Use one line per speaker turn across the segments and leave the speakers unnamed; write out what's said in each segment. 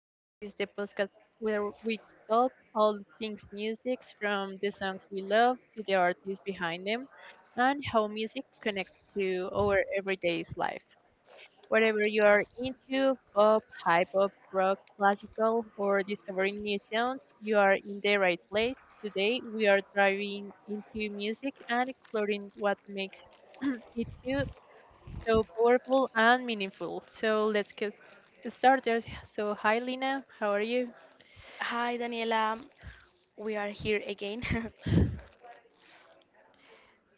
This is the podcast where we talk all things music from the songs we love to the artists behind them and how music connects to our everyday's life. Whatever you are into, pop, hip hop, rock, classical, or discovering new sounds, you are in the right place. Today, we are diving into music and exploring what makes it too so powerful and meaningful. So let's get started. So hi Lina, how are you?
Hi Daniela, we are here again.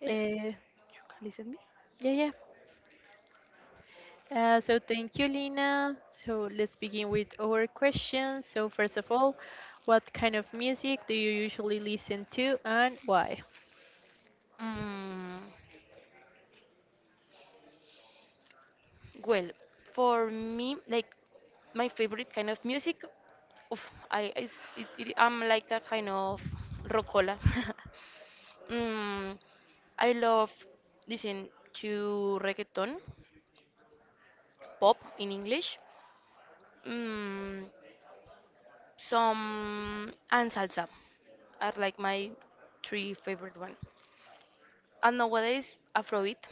Uh, yeah, yeah. So thank you, Lina. So let's begin with our questions. So first of all, what kind of music do you usually listen to and why?
mm, well, for me, like my favorite kind of music, oof, I it, it, I'm like a kind of rockola. mm, I love listen to reggaeton, pop in English, mm, some and salsa are like my three favorite one. And nowadays, Afrobeat,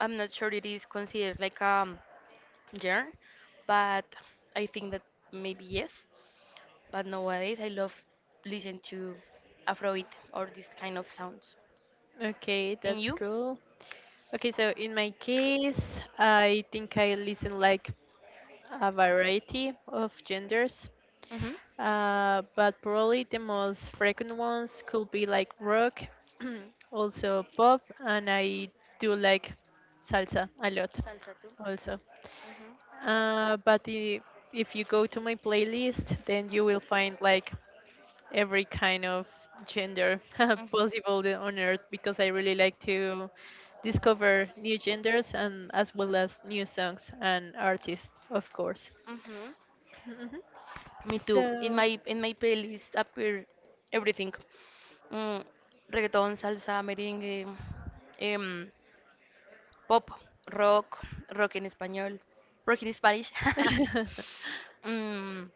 I'm not sure it is considered like a genre, but I think that maybe yes. But nowadays, I love listen to Afrobeat or this kind of sounds.
Okay,
And
that's
you?
cool. Okay, so in my case, I think I listen like a variety of genders.
Mhm.
But probably the most frequent ones could be like rock, also pop, and I do like salsa a lot
Salsa too.
also.
Mhm.
Uh, but the, if you go to my playlist, then you will find like every kind of gender
Mhm.
possible on earth because I really like to discover new genders and as well as new songs and artists, of course.
Mhm.
Mhm.
Me too. In
So,
my in my playlist appear everything. Mm, reggaeton, salsa, merengue, um, pop, rock, rock en español, rock in Spanish. Mm,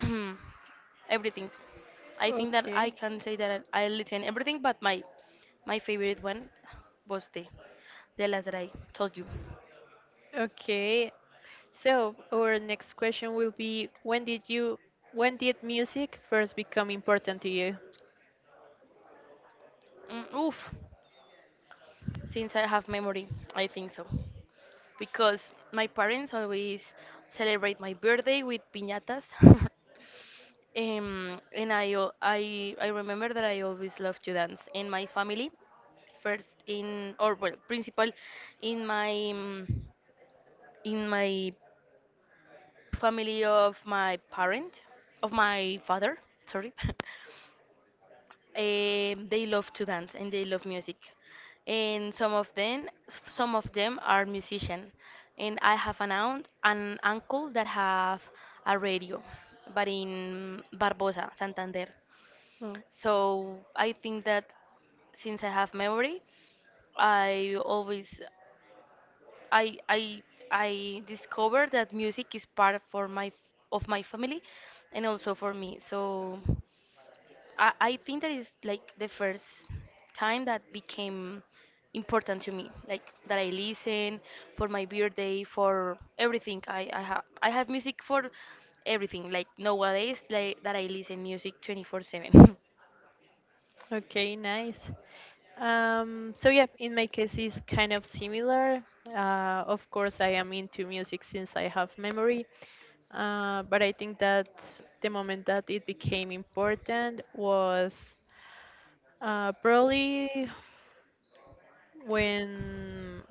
everything. I think that I
okay.
can say that I listen everything, but my favorite one was the last that I told you.
Okay. So our next question will be when did music first become important to you?
Mm, oof. Since I have memory, I think so. Because my parents always celebrate my birthday with piñatas. And I, al- I remember that I always love to dance. In my family, first in, or well, principal in my, mm, in my family of my parent, of my father, sorry. They love to dance and they love music, and some of them are musician, and I have an aunt, an uncle that have a radio, but in Barbosa, Santander.
Oh,
So I think that since I have memory, I always I I I discovered that music is part for my of my family and also for me. So I think that is like the first time that became important to me like that I listen for my birthday for everything i have I have music for everything like nowadays like that I listen music 24/7
okay, nice. So yeah, in my case it's kind of similar. Of course I am into music since I have memory. But I think that the moment that it became important was probably when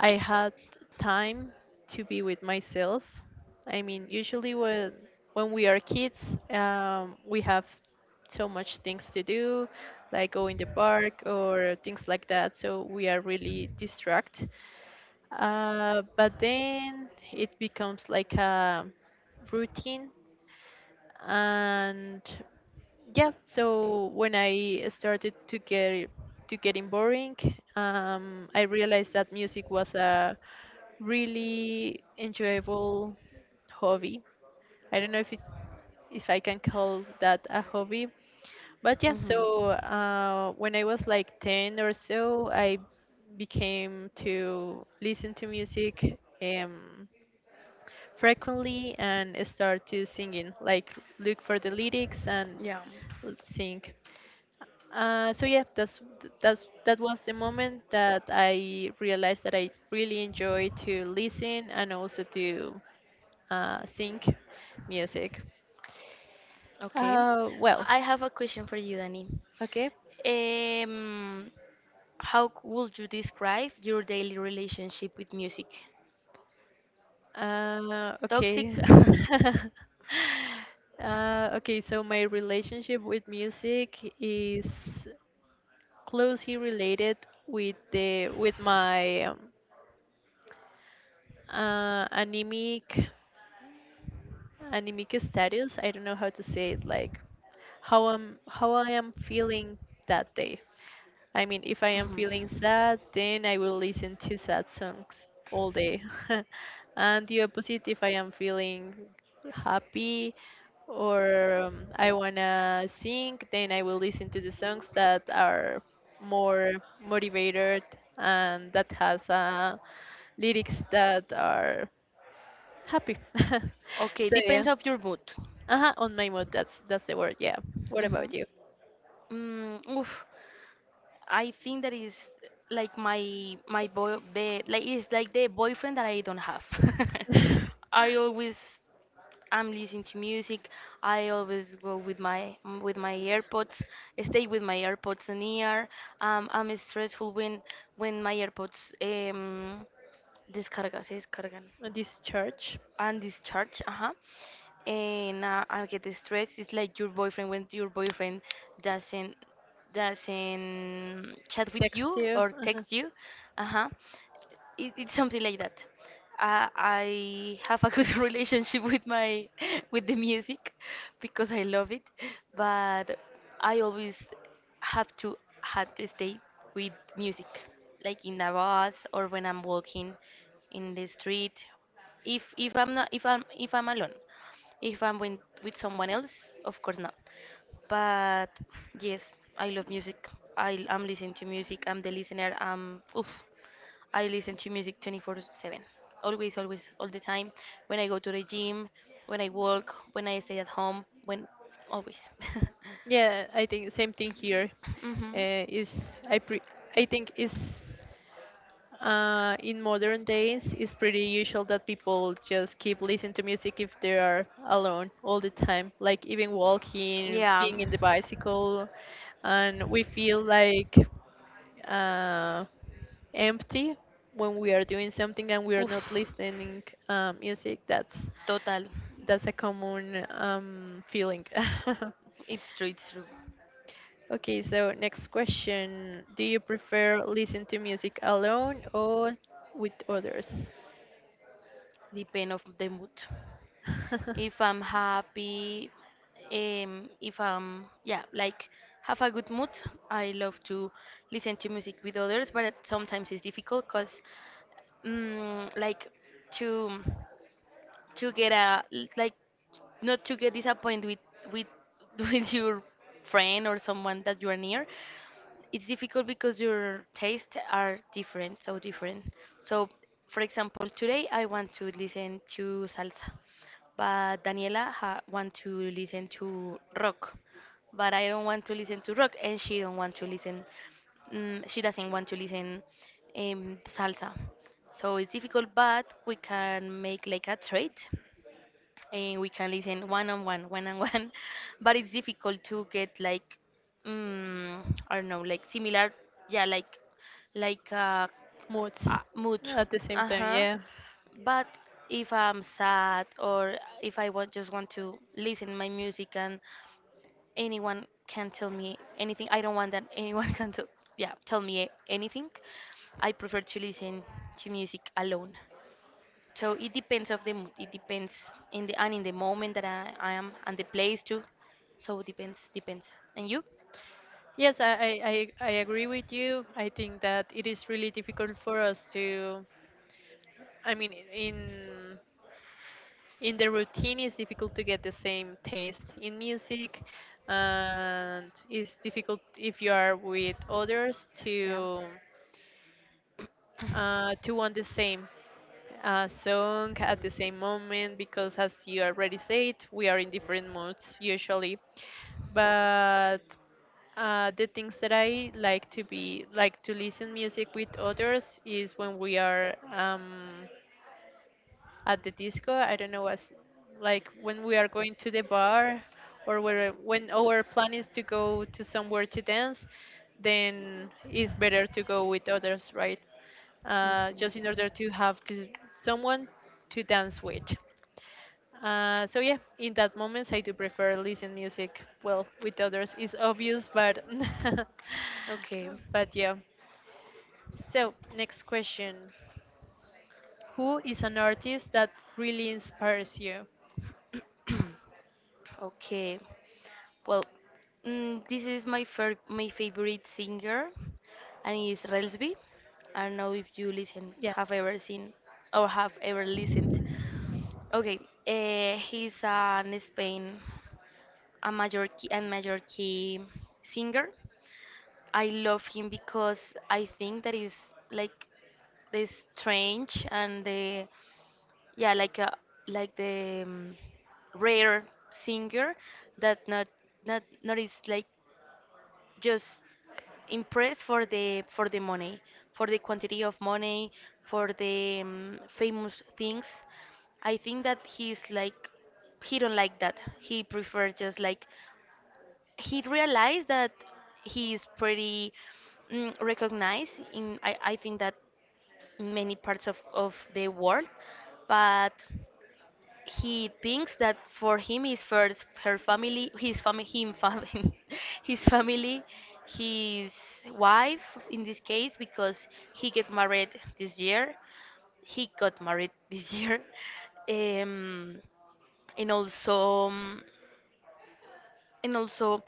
I had time to be with myself. I mean, usually when we are kids, we have so much things to do, like go in the park or things like that. So we are really distracted. But then it becomes like a routine. And yeah, so when I started to getting boring, I realized that music was a really enjoyable hobby. I don't know if I can call that a hobby, but yeah.
Mhm.
So when I was like 10 or so, I became to listen to music frequently and start to singing, like look for the lyrics and
Yeah.
sing. So yeah, that was the moment that I realized that I really enjoy to listen and also to sing music.
Okay.
Well,
I have a question for you, Danny.
okay,
Um, how would you describe your daily relationship with music? Toxic?
okay. Okay, so my relationship with music is closely related with my uh, anemic anemic status. I don't know how to say it, like how I am feeling that day. I mean, if I am feeling sad, then I will listen to sad songs all day. And the opposite, if I am feeling happy or I wanna sing, then I will listen to the songs that are more motivated and that has lyrics that are happy.
Okay,
So
depends
yeah,
of your mood.
uh-huh, on my mood. That's the word. Yeah. What about
Mhm.
you?
Mm, oof. I think that is like my boy be, like it's like the boyfriend that I don't have. I always I'm listening to music. I always go with with my AirPods. Stay with my AirPods in ear. I'm stressful when my AirPods um descarga, se descargan
This church
and discharge. Uh-huh. And I get stressed. It's like your boyfriend when your boyfriend doesn't doesn't chat with
text
you
you?
or text you. Uh-huh. It's something like that. I have a good relationship with my with the music because I love it, but I always have to stay with music, like in the bus or when I'm walking in the street. If I'm alone, if I'm with someone else, of course not. But yes, I love music. I'm listening to music. I'm the listener. I listen to music 24/7. Always, always, all the time. When I go to the gym, when I walk, when I stay at home, when, always.
Yeah, I think same thing here.
hmm
Uh, is I pre- I think is in modern days it's pretty usual that people just keep listening to music if they are alone all the time, like even walking,
Yeah.
being in the bicycle, and we feel like uh, empty when we are doing something and we are not
Oof.
listening music. That's
Total.
that's a common feeling.
It's true, it's true.
Okay, so next question. Do you prefer listen to music alone or with others?
Depend of the mood. If I'm happy, if I'm, yeah, like have a good mood. I love to listen to music with others, but it sometimes it's difficult because, like, to to get a like not to get disappointed with with with your friend or someone that you are near it's difficult because your tastes are different. So, for example, today I want to listen to salsa, but Daniela ha want to listen to rock, but I don't want to listen to rock, and she don't want to listen. She doesn't want to listen salsa. So it's difficult, but we can make like a trade and we can listen one on one, one on one. But it's difficult to get like, mm, I don't know, like similar, yeah, like like uh,
Moods
uh mood.
at the same
Uh
time,
huh.
yeah.
But if I'm sad or if I want just want to listen my music and anyone can tell me anything, I don't want that anyone can tell me anything. I prefer to listen to music alone. So it depends of the mood. It depends in the and in the moment that I am and the place too. So it depends. And you?
Yes, I agree with you. I think that it is really difficult for us to, I mean, in the routine, it's difficult to get the same taste in music, and it's difficult if you are with others
Yeah.
to to want the same a song at the same moment because as you already said, we are in different moods usually. But the things that I like to be like to listen music with others is when we are at the disco. I don't know what's like when we are going to the bar or where, when our plan is to go to somewhere to dance, then it's better to go with others, right?
Mhm.
Just in order someone to dance with. So yeah, in that moments I do prefer listen music. Well, with others it's obvious, but
Okay.
but yeah. So next question: who is an artist that really inspires you?
Okay. Well, this is my fir- my favorite singer, and it's Relsby. I don't know if you listen,
Yeah,
have ever seen, or have ever listened. Okay, he's an Spain, a major key singer. I love him because I think that is like the strange and the yeah like a like the rare singer that not is like just impressed for the money, for the quantity of money, for the famous things. I think that he's like he don't like that. He prefer just like he realized that he is pretty recognized in I think that in many parts of the world, but he thinks that for him is first her family his family him family his family his wife in this case because he get married this year he got married this year, um, and also and also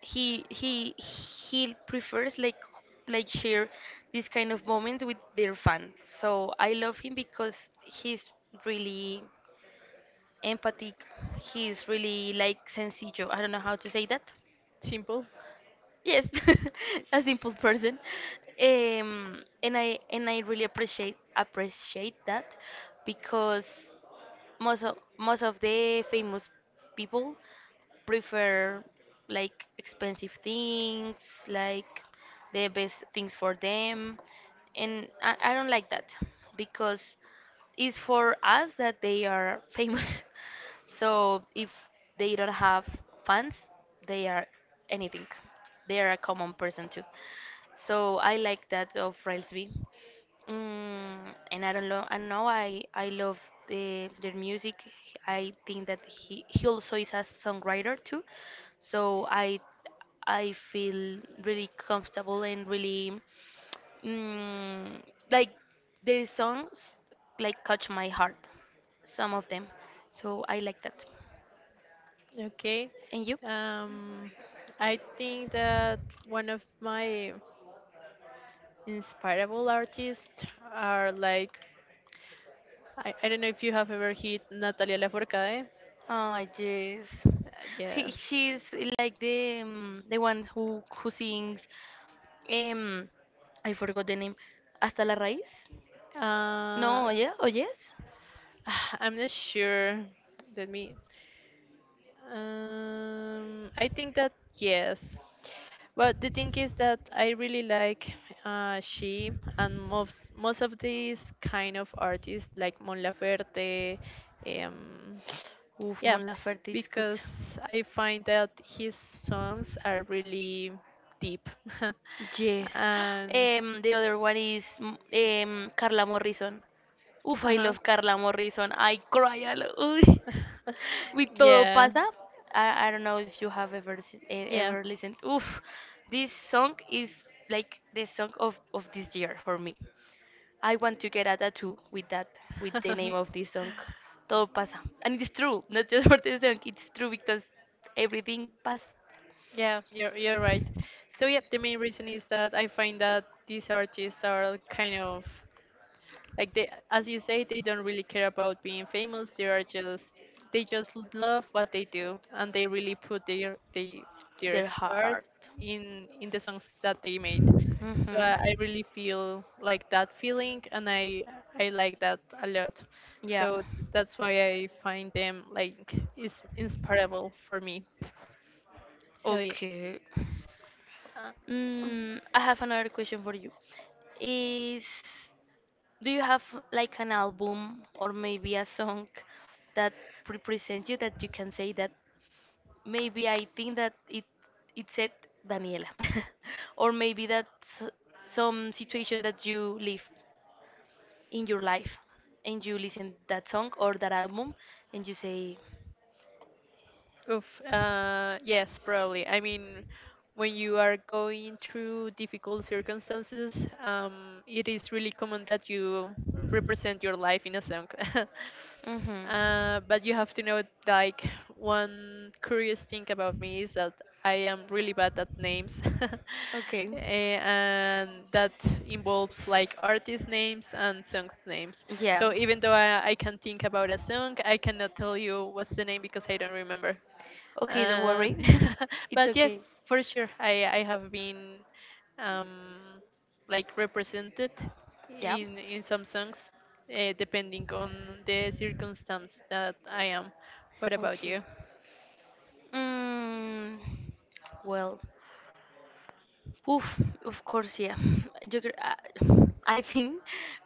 he prefers like share this kind of moments with their fan. So I love him because he's really empathy. He's really like sencillo. I don't know how to say that.
simple.
Yes, a simple person. And i really appreciate that because most of the famous people prefer like expensive things like the best things for them, and I don't like that because it's for us that they are famous. So if they don't have fans, they are anything. They are a common person too. So I like that of Railsby. Mm, and I don't know. I know I love the their music. I think that he also is a songwriter too. So I feel really comfortable and really mm, like their songs like catch my heart. Some of them. So I like that.
Okay.
And you?
Um, I think that one of my inspirable artists are like I don't know if you have ever heard Natalia Lafourcade.
Oh yes,
Yeah.
she's like the one who sings. Um, I forgot the name. Hasta la raíz?
Uh,
No, oh, yeah, oh yes.
I'm not sure. Let me I think that yes, but the thing is that I really like she and most of these kind of artists like Mon Laferte, um,
Oof, Mon
yeah,
Laferte, it's good.
because I find that his songs are really deep.
Yes.
And,
um, the other one is Carla Morrison. Oof, I
uh-huh.
love Carla Morrison. I cry a lot. Uy. With Todo
Yeah.
Pasa. I don't know if you have ever
Yeah.
ever listened. Oof, this song is like the song of this year for me. I want to get a tattoo with that, with the name of this song. Todo pasa. And it's true, not just for this song, it's true because everything passed
Yeah, you're right. So yeah, the main reason is that I find that these artists are kind of like they, as you say, they don't really care about being famous. They just love what they do, and they really put their
their
heart
heart.
in the songs that they made. So I,
Mhm.
I really feel like that feeling, and I like that a lot.
Yeah.
So that's why I find them like is inspirable for me. So yeah.
Okay. I have another question for you. Is Do you have like an album or maybe a song that represents you that you can say that maybe I think that it said Daniela, or maybe that's some situation that you live in your life, and you listen that song or that album, and you say,
Oof. Yes, probably. I mean, when you are going through difficult circumstances, it is really common that you represent your life in a song.
mm-hmm.
But you have to know, like, one curious thing about me is that I am really bad at names.
Okay.
And that involves like artist names and songs names.
Yeah.
So even though I can think about a song, I cannot tell you what's the name because I don't remember.
Okay, don't
Uh,
worry. It's
but yeah,
okay.
for sure, I have been um like represented
Yeah.
in some songs, depending on the circumstance that I am. What about
Okay.
you?
Mm, well. Oof, of course, yeah. You, could- uh, I think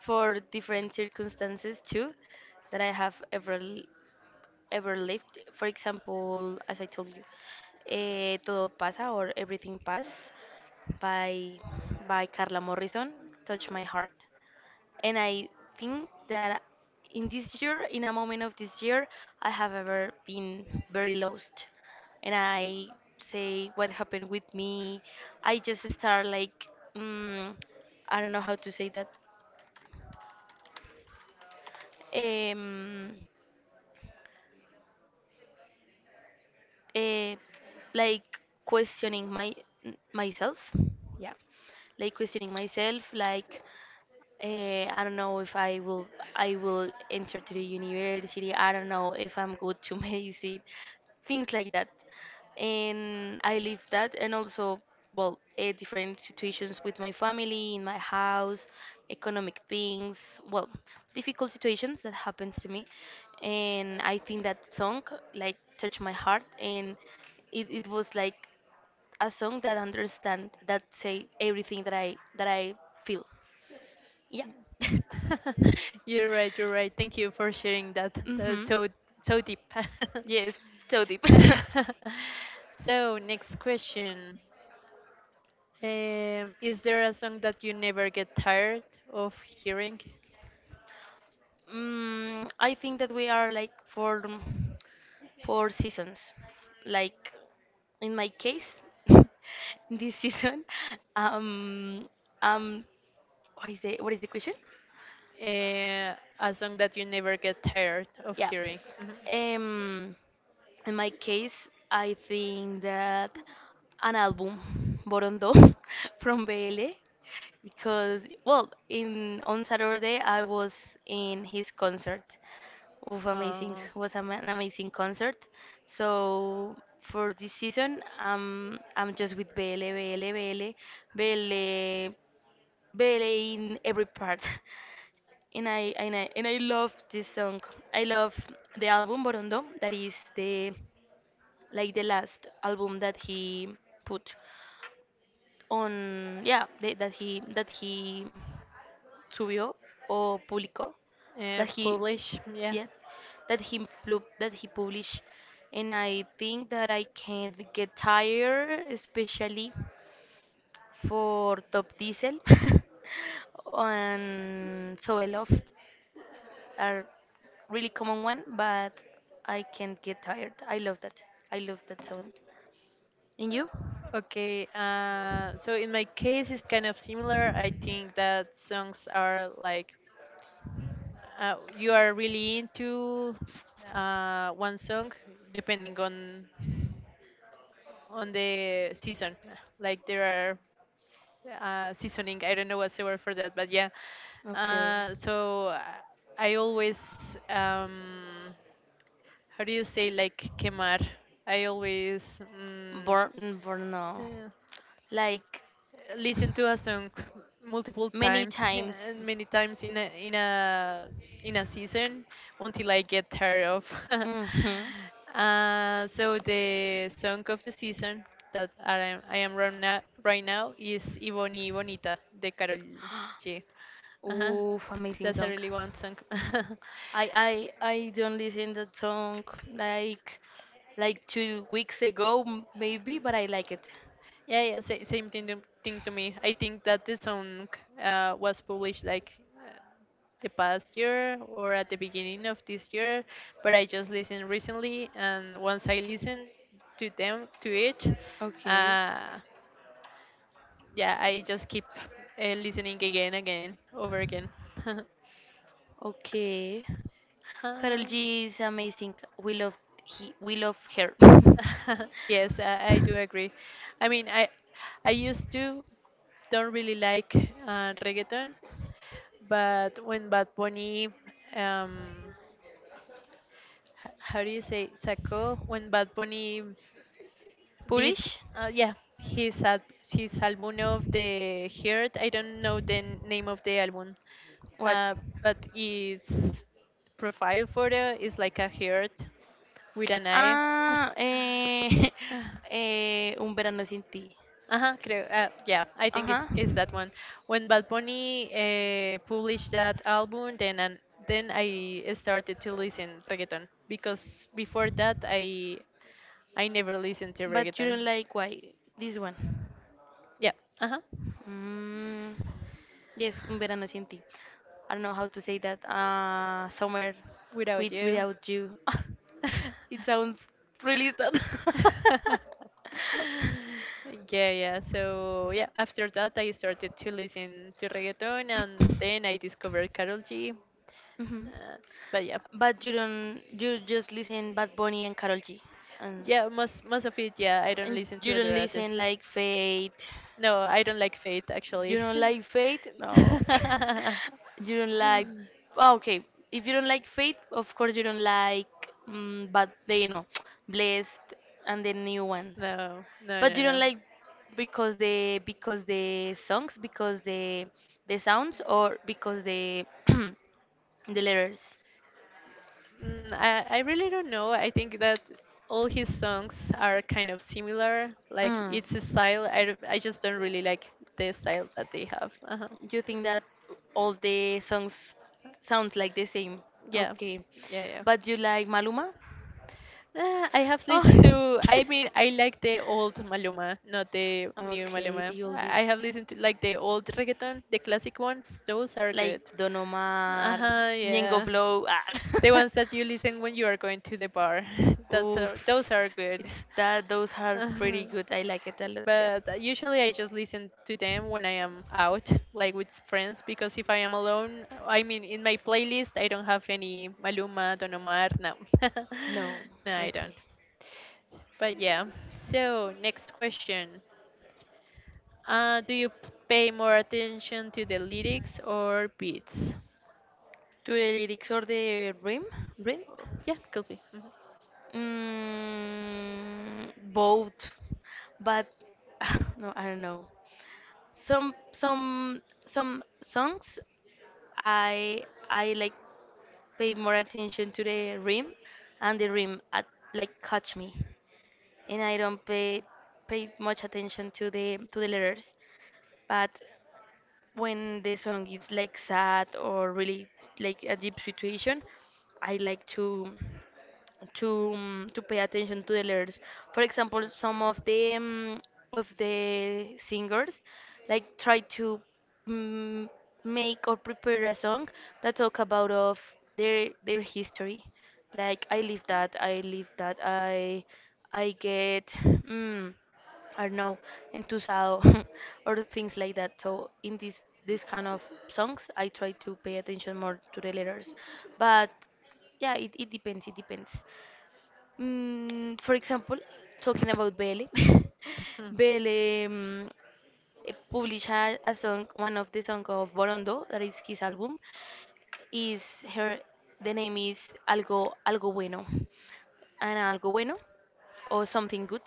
for different circumstances too that I have ever ever lived. For example, as I told you, Todo pasa or Everything Pass by by Carla Morrison touched my heart, and I think that in this year, in a moment of this year, I have ever been very lost, and I say what happened with me. I just start like mm, I don't know how to say that. Um, uh, like questioning my myself, yeah, like questioning myself, like I don't know if I will enter to the university. I don't know if I'm good to medicine, things like that. And I live that, and also well, different situations with my family, in my house, economic things, well, difficult situations that happens to me. And I think that song like touched my heart, and it was like a song that understand that say everything that I feel. Yeah.
You're right. You're right. Thank you for sharing that. That's
mhm.
so deep.
Yes, so deep.
Next question. Is there a song that you never get tired of hearing?
I think that we are like for four seasons. Like in my case, this season, um, um, what is it? What is the question?
Uh, a song that you never get tired of
Yeah.
hearing. Mhm.
Um, in my case, I think that an album, Borondo, from Bele, because well, in on Saturday I was in his concert. Oof, amazing!
Uh,
Was am- an amazing concert. So for this season, I'm just with Bele, in every part. and i love this song. I love the album Borondo. That is the like the last album that he put on. Yeah, the, that he subió o publicó. That he
Publish, yeah.
yeah that he published. And I think that I can't get tired, especially for Top Diesel and so I love. Are really common one, but I can't get tired. I love that. I love that song. And you?
Okay, so in my case, it's kind of similar. I think that songs are like you are really into one song, depending on the season. Like there are seasoning. I don't know what's the word for that, but yeah.
Okay.
Uh, so uh, I always how do you say like quemar? I always
Burn, burn, no.
yeah,
like
listen to a song multiple
many
times
times.
and many times in a season until I get tired of.
Mhm.
So the song of the season that I am right now, is Ivoni Bonita de Karol G. Uh-huh.
Oof, amazing
That's a
song.
really one song.
I don't listen that song like like 2 weeks ago maybe, but I like it.
Yeah, yeah, same thing thing to me. I think that the song was published like uh, the past year or at the beginning of this year, but I just listened recently, and once I listen to it,
Okay.
uh, yeah, I just keep listening again, again, over again.
Okay. Karol
Uh,
G is amazing. We love he we love her.
yes, I do agree. I mean, I used to don't really like reggaeton, but when Bad Bunny, um, how do you say, sacó, when Bad Bunny did,
Purish?
yeah, his, al- his album of the Heart, I don't know the name of the album,
What?
uh, but his profile photo is like a heart with an eye.
Ah, eh, eh, un verano sin ti.
Uh-huh, creo, yeah, I think it's,
Ajá.
it's that one. When Bad Bunny published that album, then and then I started to listen reggaeton because before that I never listened to
But you
reggaeton.
don't like why? This one.
Yeah, uh-huh,
Mm, yes, un verano sin ti. I don't know how to say that. Summer
without you.
without you. It sounds really sad.
Yeah, yeah. So yeah, after that I started to listen to reggaeton, and then I discovered Karol G.
Mhm.
Uh, but yeah,
But you don't, you just listen Bad Bunny and Karol G. And,
yeah, most of it. Yeah, I don't
and
listen to
you
other
don't
artists.
listen like Fate.
No, I don't like Faith
You
actually.
don't like Fate? No.
No,
you don't like. Oh, okay. If you don't like Fate, of course you don't like. But they, you know, Blessed and the new one.
no, no,
But you don't
no.
like because the songs, because the sounds, or because the the letters.
I really don't know. I think that all his songs are kind of similar. Like
Mm.
it's a style. I just don't really like the style that they have. Uh-huh.
You think that all the songs sound like the same?
Yeah,
Okay.
yeah, yeah.
But you like Maluma?
Ah, I have listened
Oh.
to. I mean, I like the old Maluma, not the new
Okay,
Maluma.
the
I have
oldest.
listened to like the old reggaeton, the classic ones. Those are
Like
good.
Don
Uh
Omar,
huh.
Ñengo
Yeah,
Flow. Ah.
the ones that you listen when you are going to the bar.
Oof,
Those are good.
it's that those are
Uh-huh.
pretty good. I like it a lot. Yeah.
But usually I just listen to them when I am out, like with friends, because if I am alone, I mean, in my playlist, I don't have any Maluma, Don Omar, no.
No.
No, I don't.
Okay.
But yeah. So next question. Do you pay more attention to the lyrics or beats?
To the lyrics or the rhythm? Rhythm?
Oh, yeah, could be. Mhm.
Mm, both, but no, I don't know. Some some songs i I like pay more attention to the rhythm and the rhythm at, like catch me and I don't pay much attention to the letters, but when the song is like sad or really like a deep situation, I like to to pay attention to the lyrics. For example, some of the singers like try to mm, make or prepare a song that talk about of their history. Like I live that, I live that, I get. Mm, or no entusado or things like that. So in this kind of songs I try to pay attention more to the letters, but yeah it depends it depends, for example talking about bele
Hmm.
bele, published a song, one of the song of borondo that is his album, is her, the name is algo bueno. And algo bueno or something good,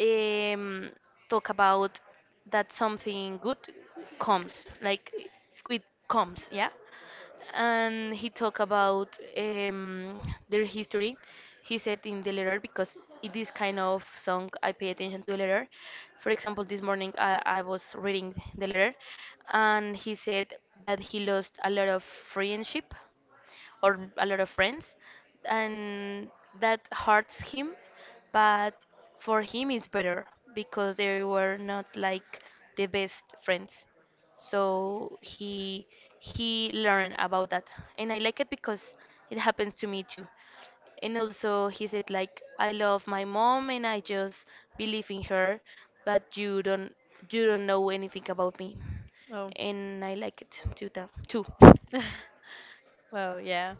um, talk about that something good comes, like it comes, yeah. And he talked about um, their history. He said in the letter because in this kind of song I pay attention to the letter. For example, this morning I was reading the letter, and he said that he lost a lot of friendship or a lot of friends, and that hurts him. But for him, it's better because they were not like the best friends. So he learned about that, and I like it because it happens to me too. And also, he said like, I love my mom and I just believe in her, but you don't know anything about me,
Oh.
and I like it to tell too.
Well, yeah.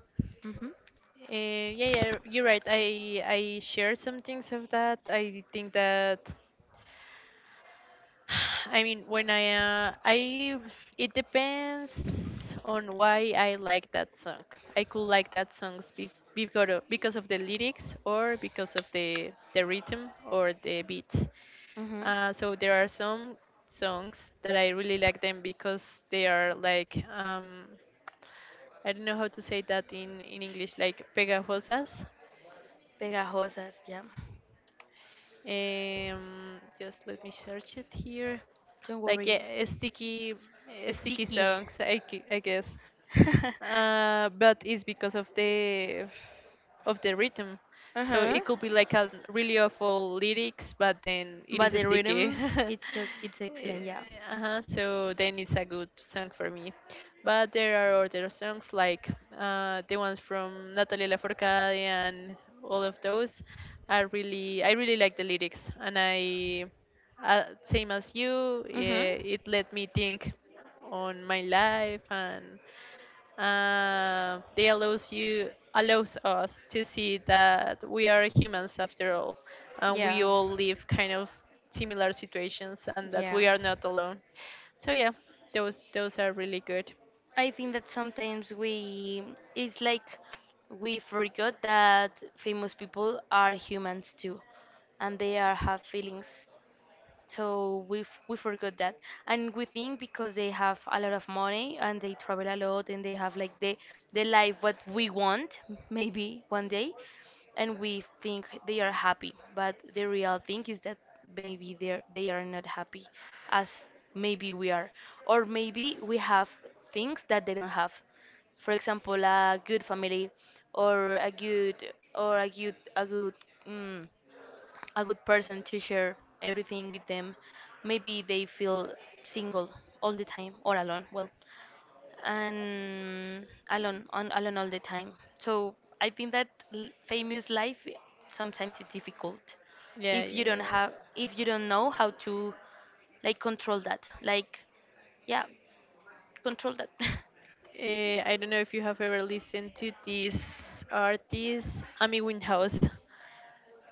Mhm.
Yeah, yeah, you're right. I share some things of that. I think that I mean, when I it depends on why I like that song. I could like that songs because of the lyrics or because of the rhythm or the beats.
Mhm.
So there are some songs that I really like them because they are like I don't know how to say that in English, like pegajosas.
Pegajosas, yeah.
Just let me search it here.
Don't
Like
worry.
yeah, sticky, sticky
Sticky.
songs, I guess. But it's because of of the rhythm. So
uh-huh.
it could be like a really awful lyrics, but then it
But
is
the
sticky.
rhythm, it's so, it's
Eh,
excellent, yeah.
uh-huh, so then it's a good song for me. But there are other songs like the ones from Natalia Lafourcade, and all of those are really I really like the lyrics, and I same as you.
Mhm.
It let me think on my life, and they allows you allows us to see that we are humans after all, and we
Yeah,
all live kind of similar situations, and that
yeah.
we are not alone. So yeah, those are really good.
I think that sometimes it's like we forgot that famous people are humans too, and they are have feelings, so we we forgot that. And we think because they have a lot of money and they travel a lot and they have like the life what we want maybe one day, and we think they are happy, but the real thing is that maybe they are not happy as maybe we are, or maybe we have things that they don't have. For example, a good family, or a good, or a good mm a good person to share everything with them. Maybe they feel single all the time or alone. Well, and alone, alone all the time. So I think that famous life sometimes is difficult
Yeah,
if you
you're
don't
right.
have, if you don't know how to like control that. Like, yeah, control that.
I don't know if you have ever listened to this artist, Amy Winehouse.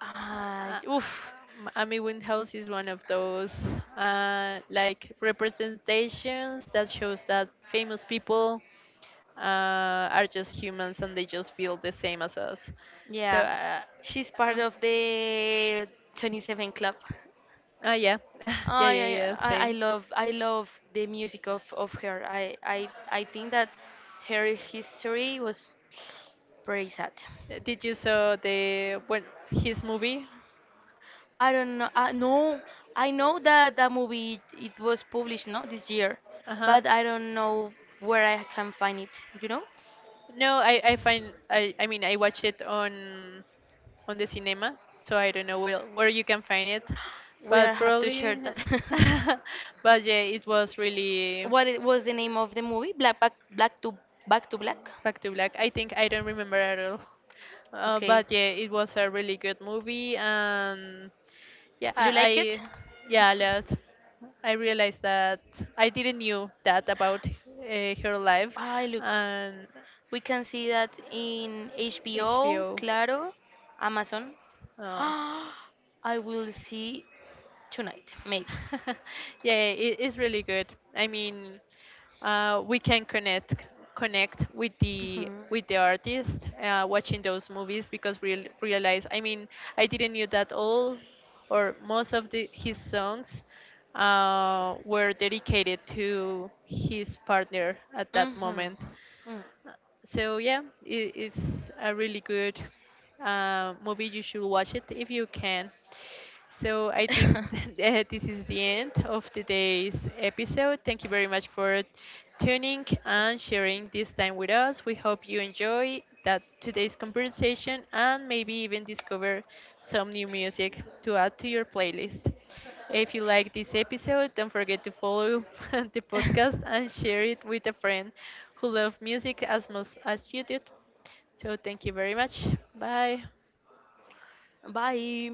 Uh,
Oof.
Amy Winehouse is one of those like representations that shows that famous people uh, are just humans, and they just feel the same as us. So,
Yeah,
uh,
she's part
uh,
of the 27 Club.
yeah, yeah,
I
yeah, yeah,
I I I
same.
love I love the music of her. I think that her history was very sad.
Did you saw the when his movie?
I don't know. I no, I know that that movie it was published no this year,
Uh huh.
but I don't know where I can find it. You know,
Find it. No, I find I mean I watch it on the cinema, so I don't know where you can find it,
we
but
have to share
probably.
that.
But yeah, it was really.
what it was the name of the movie? Black back black to Back to Black.
Back to Black. I think I don't remember at all.
Okay,
But yeah, it was a really good movie, and yeah,
do you like it?
I yeah, a lot. I realized that I didn't knew that about her life,
I look.
and
We can see that in HBO,
HBO.
Claro, Amazon.
Oh.
I will see tonight, maybe.
Yeah, it is really good. I mean, we can connect connect with the
Mhm.
artist watching those movies because we realize. I mean, I didn't knew that all or most of the his songs were dedicated to his partner at that
Mhm.
moment. So yeah, it's a really good movie. You should watch it if you can. So I think this is the end of today's episode. Thank you very much for tuning and sharing this time with us. We hope you enjoy that today's conversation, and maybe even discover some new music to
Mm.
add to your playlist. If you like this episode, don't forget to follow the podcast and share it with a friend who loves music as much as you do. So thank you very much. Bye.
Bye.